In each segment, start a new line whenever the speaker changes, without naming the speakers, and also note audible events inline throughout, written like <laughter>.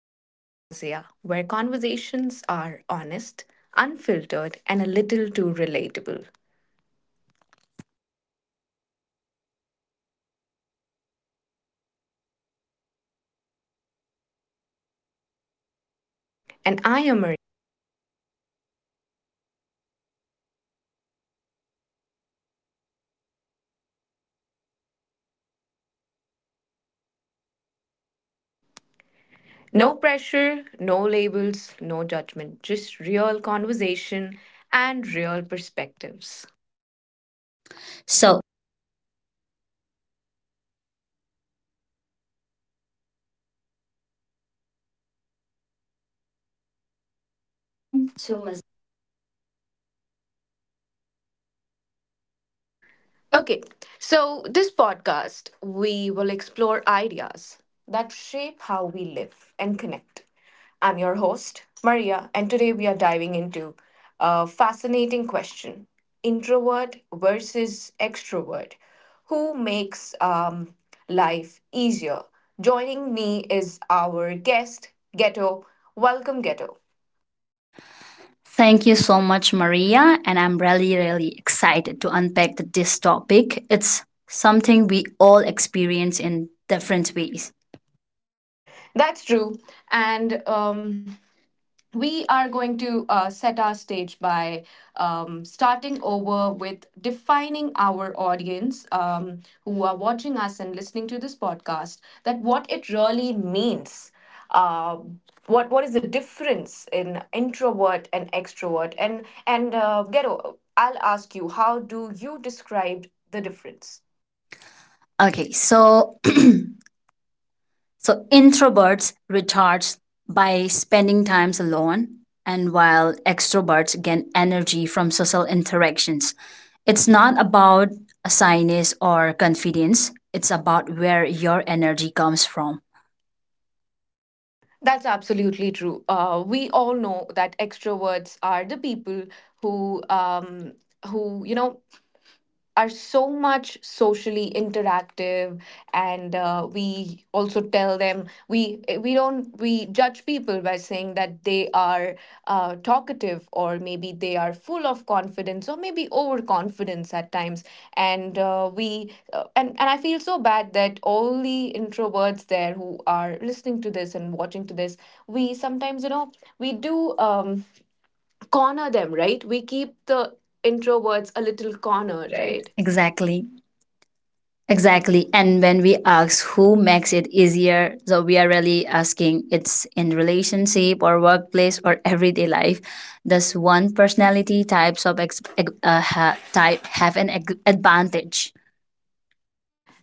Welcome to Mazia, where conversations are honest, unfiltered, and a little too relatable. And I am Maria.
No.
No pressure, no labels, no judgment, just real conversation and real perspectives.
So, okay.
Okay, so this podcast, we will explore ideas that shape how we live and connect. I'm your host, Maria, and today we are diving into a fascinating question: introvert versus extrovert. Who makes life easier? Joining me is our guest, Ghetto. Welcome, Ghetto.
Thank you so much, Maria. And I'm really, really excited to unpack this topic. It's something we all experience in different ways.
That's true. And we are going to set our stage by starting over with defining our audience, who are watching us and listening to this podcast, that what it really means. uh, what is the difference in introvert and extrovert, and Ghetto, I'll ask you, how do you describe the difference?
Okay, so <clears throat> introverts recharge by spending times alone, and while extroverts gain energy from social interactions. It's not about a shyness or confidence. It's about where your energy comes from.
That's absolutely true. We all know that extroverts are the people who um, who are so much socially interactive, and we also tell them, we eh, we don't we judge people by saying that they are talkative, or maybe they are full of confidence, or maybe overconfidence at times. And uh, we uh, and and I feel so bad that all the introverts there who are listening to this and watching to this, we sometimes, we do, corner them, right? We keep the introverts a little cornered,
Right.
right?
Exactly. Exactly. And when we ask who makes it easier, so we are really asking it's in relationship or workplace or everyday life. Does one personality types of type have an advantage?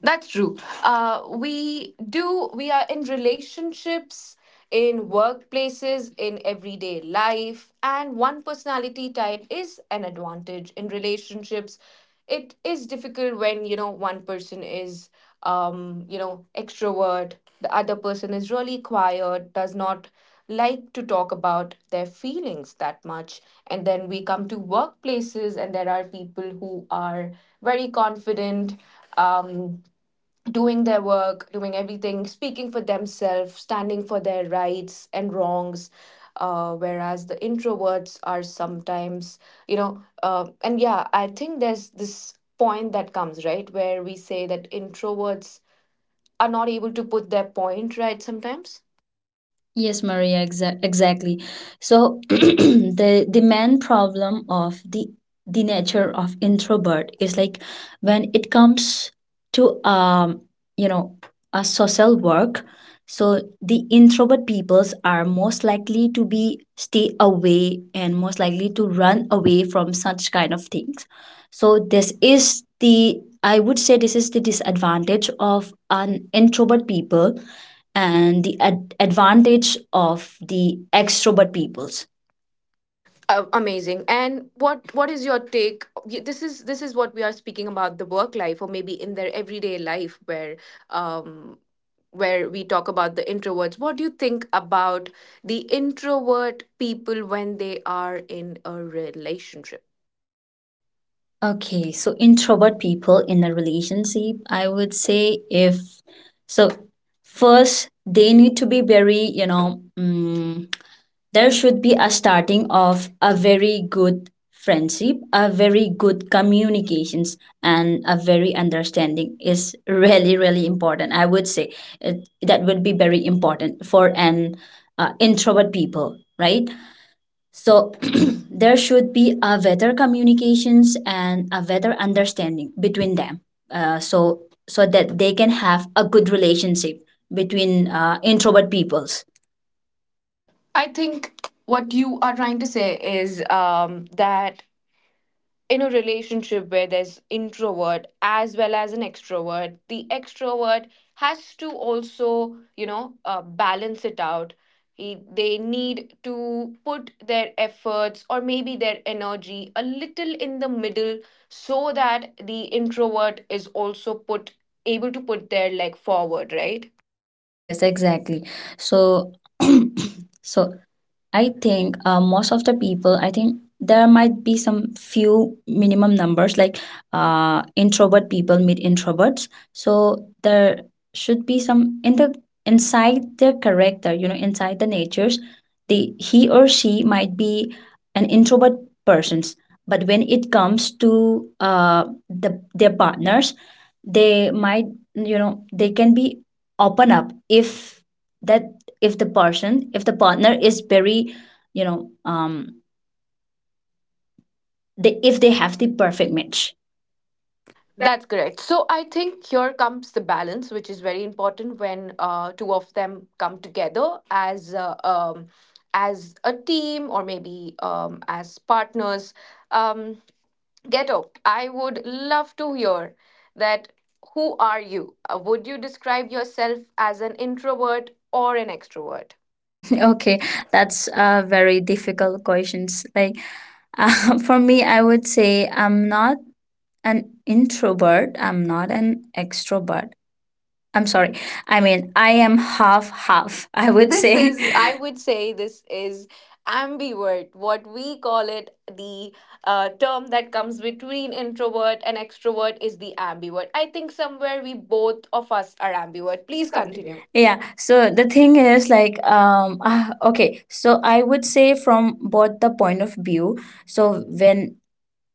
That's true. We do. We are in relationships, in workplaces, in everyday life, and one personality type is an advantage in relationships. It is difficult when, you know, one person is, extrovert, the other person is really quiet, does not like to talk about their feelings that much. And then we come to workplaces, and there are people who are very confident, Um, doing their work, doing everything, speaking for themselves, standing for their rights and wrongs. Whereas the introverts are sometimes, and yeah, I think there's this point that comes, right, where we say that introverts are not able to put their point right sometimes.
Yes, Maria, exactly. So <clears throat> the main problem of the nature of introvert is like when it comes to you know a social work, so the introvert peoples are most likely to be stay away and most likely to run away from such kind of things. So this is the, I would say this is the disadvantage of an introvert people and the advantage of the extrovert peoples.
Amazing. And what is your take? This is what we are speaking about, the work life, or maybe in their everyday life, um where we talk about the introverts. What do you think about the introvert people when they are in a relationship?
Okay, so introvert people in a relationship, I would say if so, first they need to be very, you know, there should be a starting of a very good friendship, a very good communications, and a very understanding is really really important. I would say it, that would be very important for an introvert people, right? So <clears throat> there should be a better communications and a better understanding between them. So so that they can have a good relationship between introvert peoples.
I think what you are trying to say is, that in a relationship where there's introvert as well as an extrovert, the extrovert has to also, balance it out. They need to put their efforts, or maybe their energy a little in the middle, so that the introvert is also put able to put their leg forward, right?
Yes, exactly. So <clears throat> so I think most of the people, I think there might be some few minimum numbers like introvert people meet introverts. So there should be some in the inside their character, you know, inside the natures, the he or she might be an introvert persons. But when it comes to the their partners, they might you know they can be open up if that if the person if the partner is very you know they, if they have the perfect match. <laughs>
That's correct. So I think here comes the balance, which is very important when two of them come together as a team, or maybe, as partners. Um, Ghetto, I would love to hear that. Who are you? Would you describe yourself as an introvert or an extrovert?
Okay, that's a very difficult questions like, <laughs> for me I would say I'm not an introvert, I'm not an extrovert. I'm sorry, I mean I am half half, I
I would
would This
This
say
say.
is-
is, I
I- <laughs>
would say, this is ambivert, what we call it. The term that comes between introvert and extrovert is the ambivert. I think somewhere we both of us are ambivert.
please
Please
continue.
continue.
Yeah, so the thing is like okay, so I would say from both the point of view. So when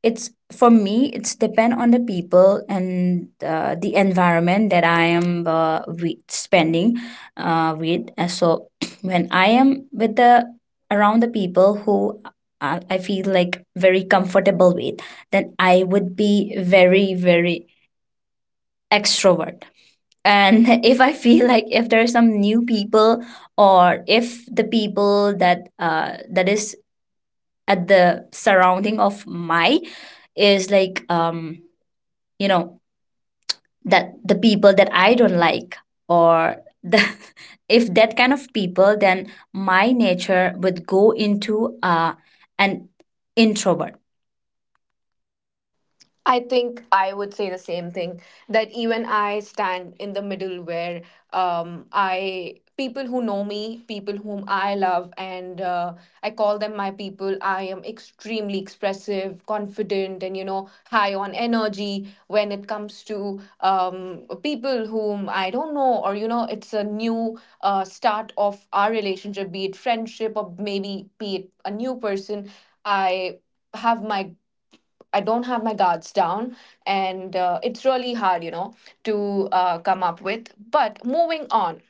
it's for me it's depend on the people and the environment that I am with, spending with. And so <clears throat> when I am with the around the people who I feel like very comfortable with, then I would be very very extrovert. And <laughs> if I feel like if there are some new people, or if the people that that is at the surrounding of my is like you know, that the people that I don't like, or the <laughs> if that kind of people, then my nature would go into an introvert.
I think I would say the same thing, that even I stand in the middle, where I people who know me, people whom I love, and I call them my people. I am extremely expressive, confident, and high on energy when it comes to people whom I don't know, or it's a new start of our relationship, be it friendship or maybe be it a new person. I have my I don't have my guards down, and it's really hard, to come up with. But moving on,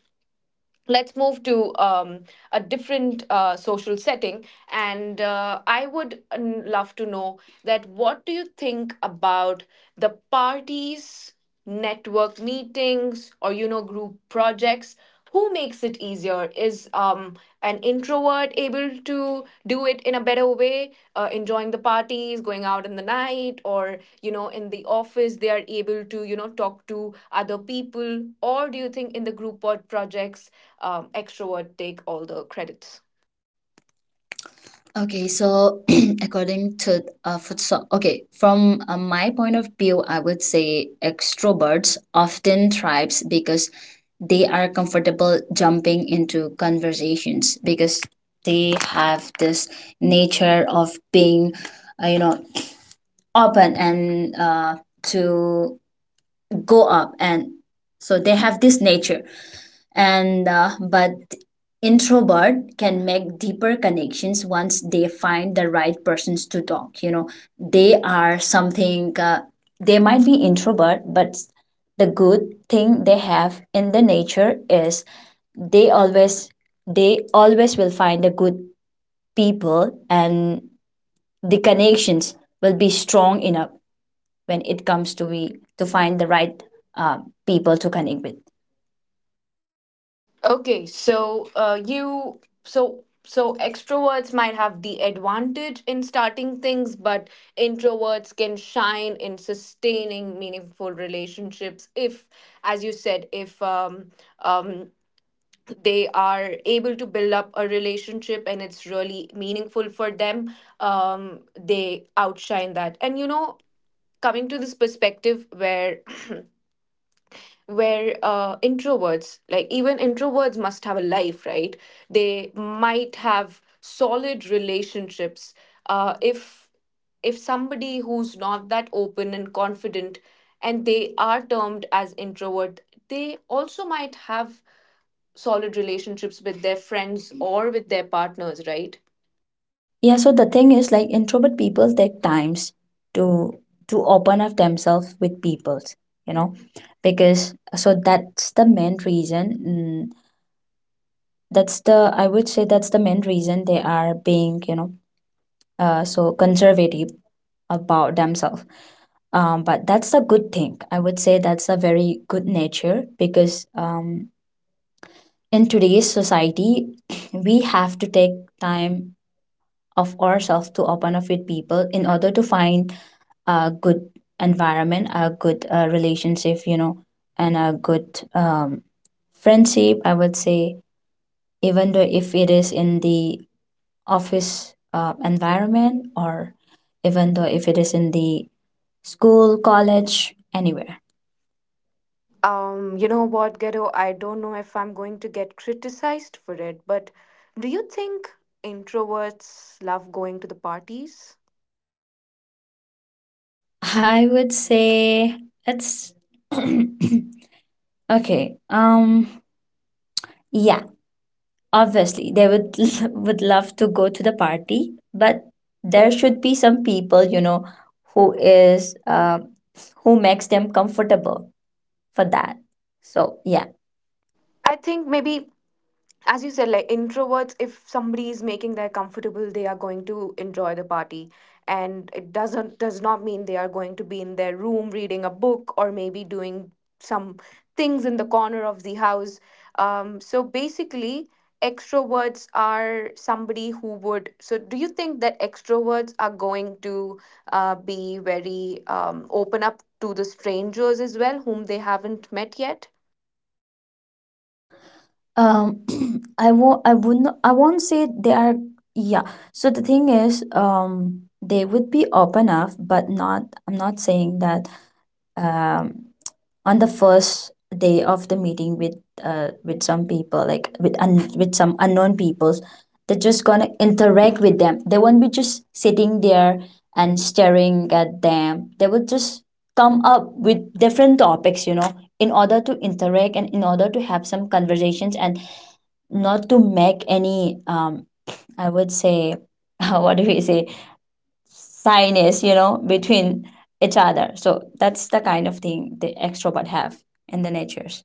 let's move to a different social setting, and I would love to know, that what do you think about the parties, network meetings, or group projects? Who makes it easier? Is an introvert able to do it in a better way, enjoying the parties, going out in the night, or in the office, they are able to talk to other people? Or do you think in the group work projects, extrovert take all the credits?
Okay, so <clears throat> according to okay, from my point of view, I would say extroverts often thrives because they are comfortable jumping into conversations because they have this nature of being, you know, open and to go up. And so they have this nature, and but introvert can make deeper connections once they find the right persons to talk, you know. They are something, they might be introvert, but the good thing they have in the nature is they always, they always will find the good people, and the connections will be strong enough when it comes to be to find the right uh, people to connect with.
Okay, so you so so extroverts might have the advantage in starting things, but introverts can shine in sustaining meaningful relationships if, as you said, if um, they are able to build up a relationship and it's really meaningful for them, they outshine that.
And
And
you
you
know,
know, coming to this perspective, where introverts, like even introverts, must have a life, right? They might have solid relationships. Uh, if if somebody who's not that open and confident, and they are termed as introvert, they also might have solid relationships with their friends or with their partners, right?
yeah, so the thing is like introvert people take times to to open up themselves with peoples, you know, because so that's the main reason. That's the, I would say that's the main reason they are being, you know, so conservative about themselves. But that's a good thing, I would say that's a very good nature because, in today's society <clears throat> we have to take time of ourselves to open up with people in order to find a good environment, a good relationship, you know, and a good um, friendship, I would say, even though if it is in the office environment, or even though if it is in the school, college, anywhere.
You know what, Ghetto? I don't know if I'm going to get criticized for it, but do you think introverts love going to the parties?
<laughs> I would say it's <clears throat> okay, yeah. Obviously, they would <laughs> would love to go to the party, but there should be some people, you know, who is who makes them comfortable for that. So yeah,
I think maybe, as you said, like introverts, if somebody is making them comfortable, they are going to enjoy the party, and it does not mean they are going to be in their room reading a book or maybe doing some things in the corner of the house. So basically, extroverts are somebody who would. So, do you think that extroverts are going to be very, open up to the strangers as well, whom they haven't met yet?
um, <clears throat> I won't. I would not. I won't say they are. Yeah. So the thing is, they would be open up, but not. I'm not saying that. Um, on the first day of the meeting with some people, like with with some unknown peoples, they're just gonna interact with them, they won't be just sitting there and staring at them, they will just come up with different topics, you know, in order to interact and in order to have some conversations and not to make any I would say <laughs> what do we say sinus you know between each other. So that's the kind of thing the extrovert have in the natures.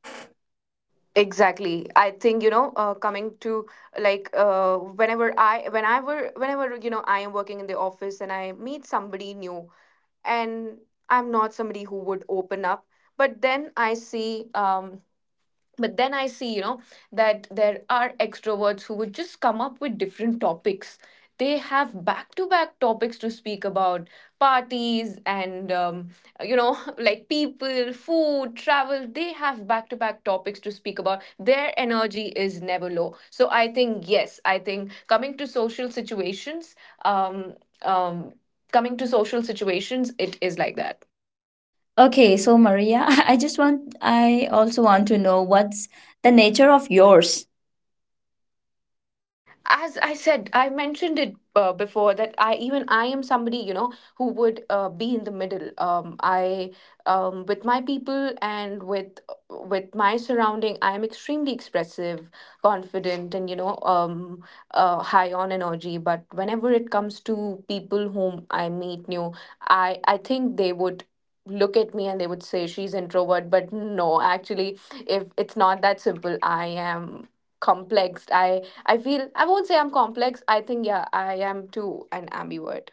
Exactly, I think, coming to, like, whenever I am working in the office, and I meet somebody new, and I'm not somebody who would open up, but then i see um, but then I see, that there are extroverts who would just come up with different topics. They have back to back topics to speak about, parties and, <laughs> like people, food, travel. They have back to back topics to speak about. Their energy is never low. So I think, yes, I think, coming to social situations, um, um, it is like that.
Okay, so Maria, <laughs> I just want, I also want to know what's the nature of yours.
As I said, I mentioned it before, that I, even I, am somebody, who would be in the middle, I with my people, and with my surrounding, I am extremely expressive, confident, and, high on energy. But whenever it comes to people whom I meet new, I think they would look at me and they would say, she's introvert. But no, actually, if it's not that simple. I am complexed. I feel, I won't say I'm complex. I think, yeah, I am too an ambivert.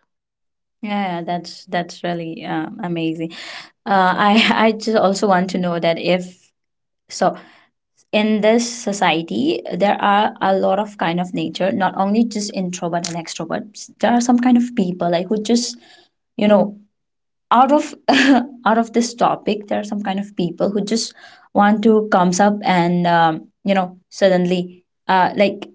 Yeah, yeah, that's really amazing. I <laughs> I just also want to know that if so, in this society there are a lot of kind of nature, not only just introvert and extrovert. There are some kind of people like who just you know out of <laughs> out of this topic there are some kind of people who just want to comes up and you know, suddenly like,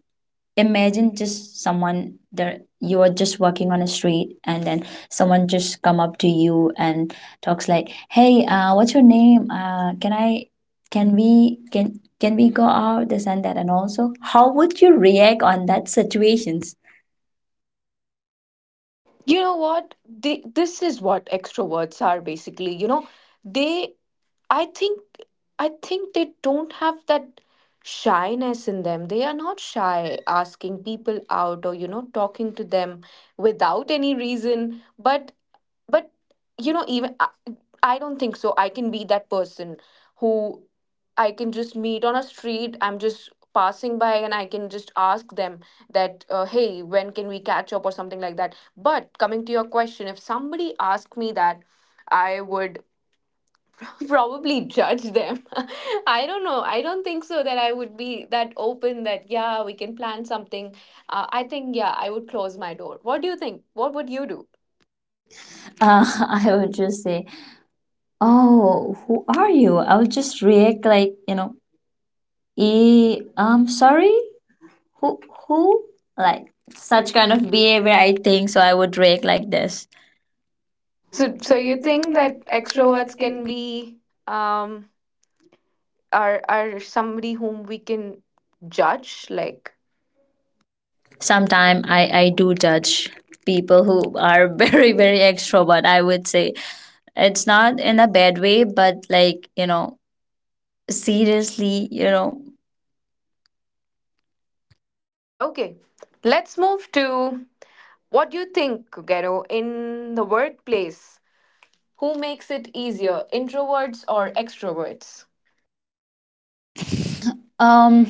imagine just someone there, you are just walking on a street and then someone just come up to you and talks like, hey, what's your name, can I can we go out, this and that. And also how would you react on that situations?
You know what? This is what extroverts are basically. You know, they I think I think they don't have that shyness in them. They are not shy asking people out or talking to them without any reason. But even I don't think so. I can be that person who I can just meet on a street. I'm just passing by, and I can just ask them that, hey, when can we catch up or something like that? But coming to your question, if somebody asked me that, I would <laughs> probably judge them. <laughs> I don't know. I don't think so that I would be that open that, yeah, we can plan something. I think, yeah, I would close my door. What do you think? What would you do?
<laughs> uh, I would just say, oh, who are you? I'll just react like, you know, I'm sorry? Who, who? Like, such kind of behavior, I think. So I would react like this. So,
So,
so
so you
you think
think
that
that
extroverts
extroverts
can
can
be.
be um, are somebody whom we can judge, like?
Sometimes I do judge people who are <laughs> very, very extrovert, I would say. It's not in a bad way, but like, you know, seriously, you know,
Okay, let's move to, what do you think, Gero, in the workplace, who makes it easier, introverts or extroverts?
um,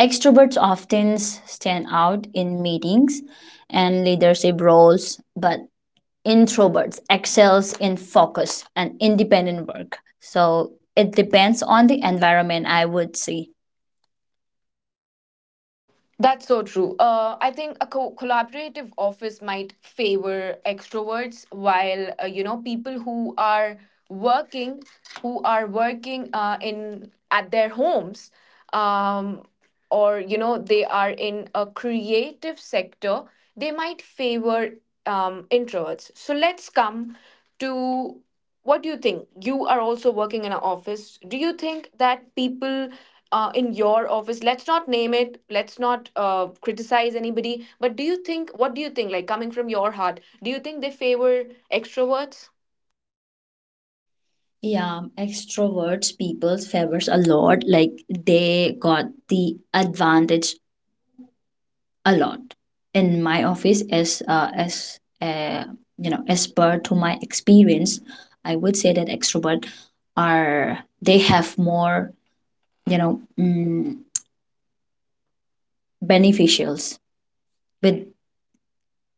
extroverts often stand out in meetings and leadership roles, but introverts excels in focus and independent work. So it depends on the environment, I would say.
That's so true. I think a collaborative office might favor extroverts, while people working who are working in at their homes, um or they are in a creative sector, they might favor, introverts. So let's come to, what do you think? You are also working in an office. Do you think that people in your office, let's not name it, let's not criticize anybody, but do you think what do you think, like coming from your heart, do you think they favor extroverts?
Yeah, extroverts people favors a lot. Like they got the advantage a lot in my office as you know, as per to my experience. I would say that extrovert are they have more you know beneficials with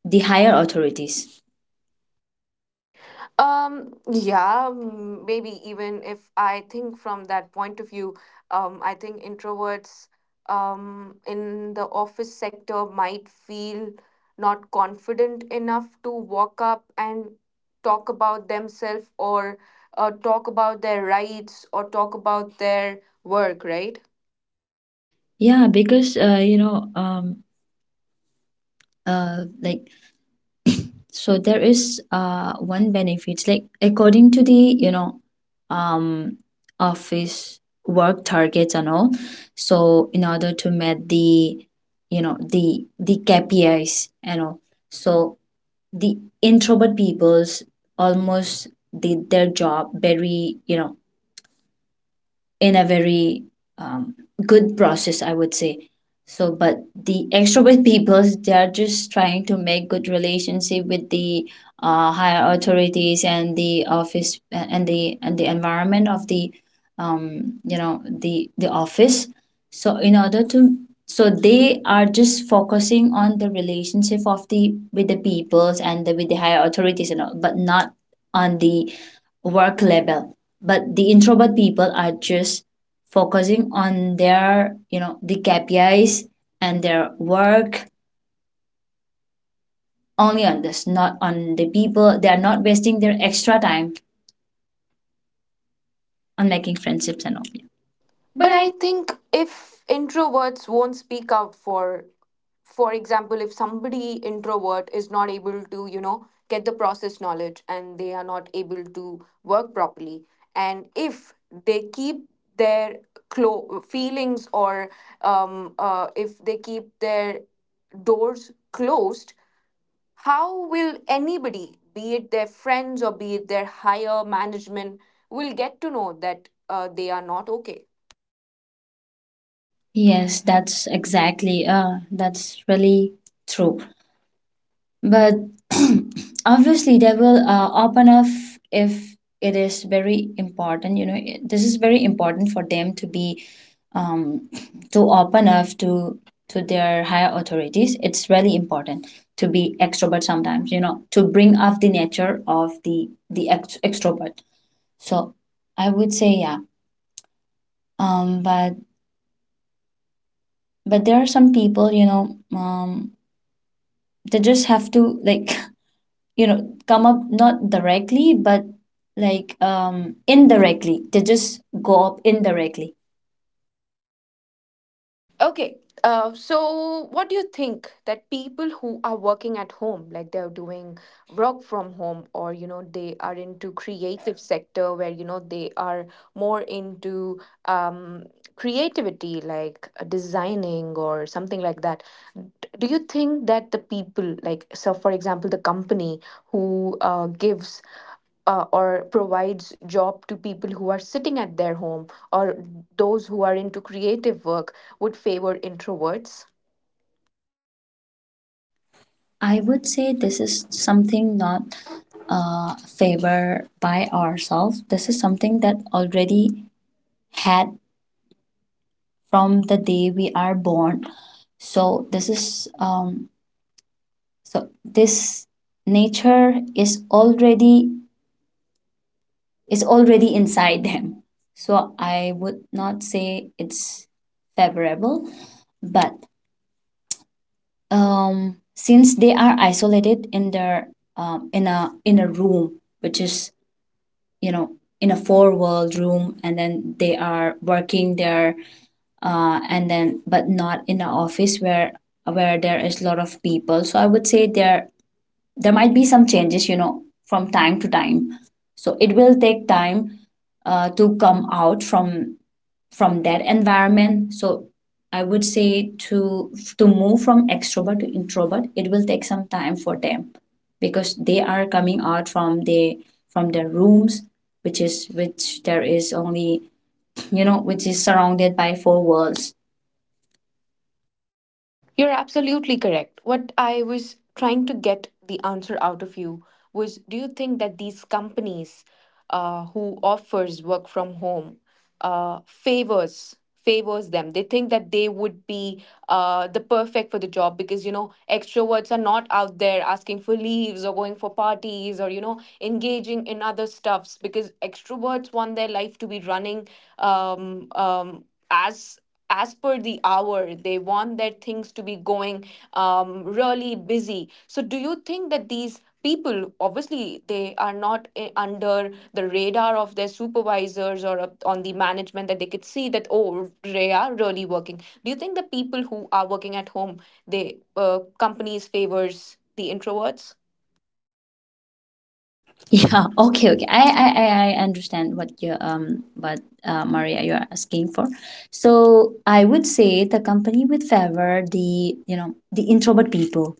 the higher authorities.
Yeah, maybe, even if I think from that point of view, I think introverts, in the office sector, might feel not confident enough to walk up and talk about themselves, or talk about their rights, or talk about their work, right?
Yeah because, you know, like, so there is one benefits like according to the, you know, um office work targets and all. So in order to meet the, you know, the KPIs and all, so the introvert peoples almost did their job very, you know, in a very um, good process, I would say. So, but the extrovert <laughs> people, they are just trying to make good relationship with the higher authorities and the office and the environment of the, you know, the office. So, in order to so they are just focusing on the relationship of the with the peoples and the, with the higher authorities and all, but not on the work level. But the introvert people are just focusing on their, you know, the KPIs and their work, only on this, not on the people. They are not wasting their extra time on making friendships and all. But
But
I
I think if introverts won't speak out, for example, if somebody introvert is not able to get the process knowledge and they are not able to work properly, and if they keep their feelings, or if they keep their doors closed, how will anybody, be it their friends or be it their higher management, will get to know that they are not okay?
yes, that's exactly, that's really true. But <clears throat> obviously, they will open up if it is very important. You know, this is very important for them to be um, <clears throat> to open up to their higher authorities. It's really important to be extrovert sometimes. You know, to bring up the nature of the extrovert. So I would say yeah. Um, but but there are some people, you know, they just have to like <laughs> you know come up, not directly, but like indirectly, they just go up indirectly.
Okay. So what do you think that people who are working at home, like they're doing work from home, or they are into creative sector where they are more into um, creativity, like designing or something like that. D- Do you think that the people, like, so for example, the company who gives or provides job to people who are sitting at their home, or those who are into creative work, would favor introverts?
I would say this is something not favor by ourselves. This is something that already had from the day we are born. So this is, so this nature is already, is already inside them. So I would not say it's favorable. But, since they are isolated in their, in a room, which is, you know, in a four wall room, and then they are working there, and then but not in an office where there is a lot of people. So I would say there, there might be some changes, you know, from time to time. So it will take time to come out from that environment. So I would say to move from extrovert to introvert, it will take some time for them, because they are coming out from the from their rooms, which is which there is only, you know, which is surrounded by four walls.
You're absolutely correct. What I was trying to get the answer out of you was, do you think that these companies who offers work from home uh, favors favors them, they think that they would be the perfect for the job, because you know extroverts are not out there asking for leaves or going for parties or you know engaging in other stuffs, because extroverts want their life to be running, um, um, as as per the hour, they want their things to be going really busy. So do you think that these people, obviously they are not, under the radar of their supervisors or on the management, that they could see that, oh, they are really working. Do you think the people who are working at home, they, companies favors the introverts?
<laughs> Yeah, okay, okay, I understand what you what Maria, you are asking for. So I would say the company would favor the, you know, the introvert people,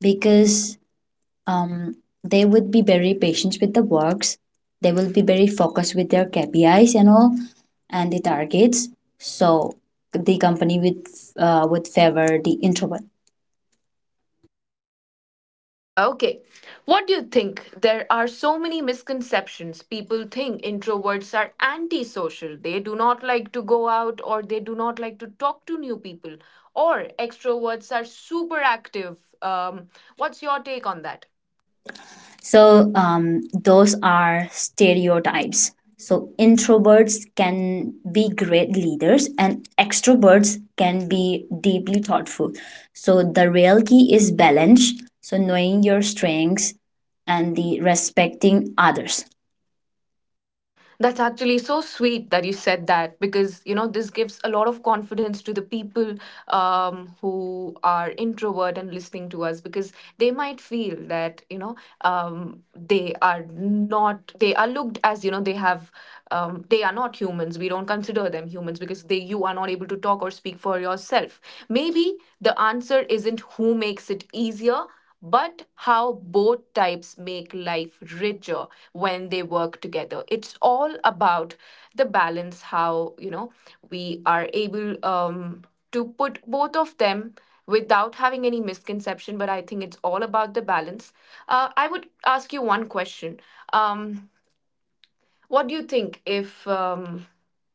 because, um, they would be very patient with the works, they will be very focused with their KPIs and all, and the targets. So the company would favor the introvert.
Okay. What do you think? There are so many misconceptions. People think introverts are antisocial. They do not like to go out, or they do not like to talk to new people. Or extroverts are super active. What's your take on that?
So, those are stereotypes. So introverts can be great leaders and extroverts can be deeply thoughtful. So the real key is balance. So knowing your strengths and the respecting others.
That's actually so sweet that you said that, because you know this gives a lot of confidence to the people who are introvert and listening to us, because they might feel that you know they are not, they are looked as you know they have they are not humans, we don't consider them humans, because they, you are not able to talk or speak for yourself. Maybe the answer isn't who makes it easier, but how both types make life richer. When they work together, it's all about the balance, how you know we are able to put both of them without having any misconception. But I think it's all about the balance. I would ask you one question. um, what do you think if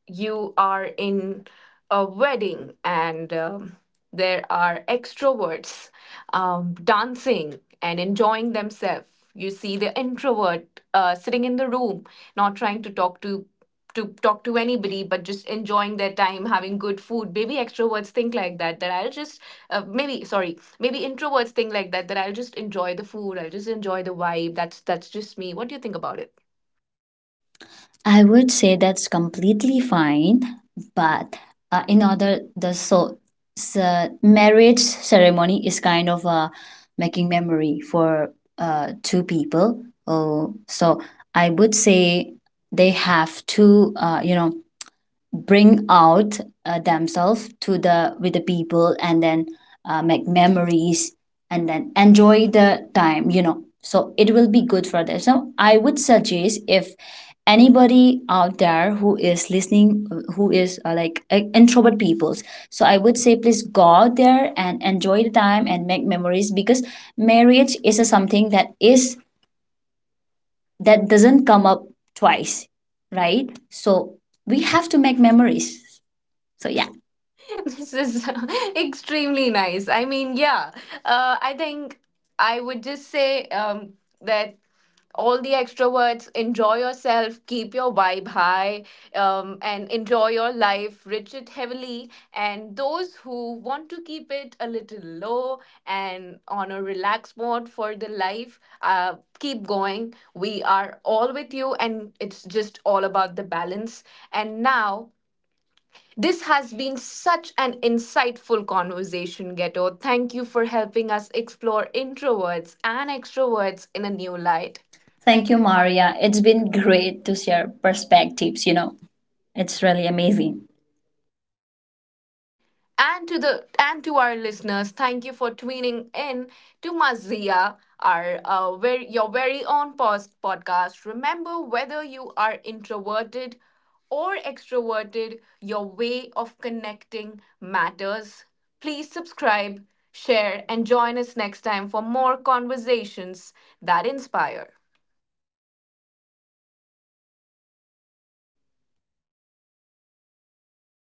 you are in a wedding, and there are extroverts dancing and enjoying themselves. You see the introvert sitting in the room, not trying to talk to talk to anybody, but just enjoying their time, having good food. Maybe extroverts think like that, that I'll just, maybe sorry, maybe introverts think like that, that I'll just enjoy the food, I'll just enjoy the vibe. That's just me. What do you think about it?
I would say that's completely fine, but in order the so, so marriage ceremony is kind of making memory for two people. Oh, so I would say they have to you know, bring out themselves to the with the people, and then make memories, and then enjoy the time, you know, so it will be good for them. So I would suggest if anybody out there who is listening, who is introvert peoples, so I would say please go out there and enjoy the time and make memories, because marriage is a something that is that doesn't come up twice, right? So we have to make memories, so yeah.
<laughs> This is <laughs> extremely nice. I mean, yeah, I think I would just say that all the extroverts, enjoy yourself, keep your vibe high, and enjoy your life, rich it heavily. And those who want to keep it a little low and on a relaxed mode for the life, keep going. We are all with you, and it's just all about the balance. And now this has been such an insightful conversation, Ghetto. Thank you for helping us explore introverts and extroverts in a new light.
Thank
Thank
you,
you, Maria.
Maria. It's been great to share perspectives, you know. It's really amazing.
And to the, and to our listeners, thank you for tuning in to Mazia, our very, your very own post podcast. Remember, whether you are introverted or extroverted, your way of connecting matters. Please subscribe, share, and join us next time for more conversations that inspire.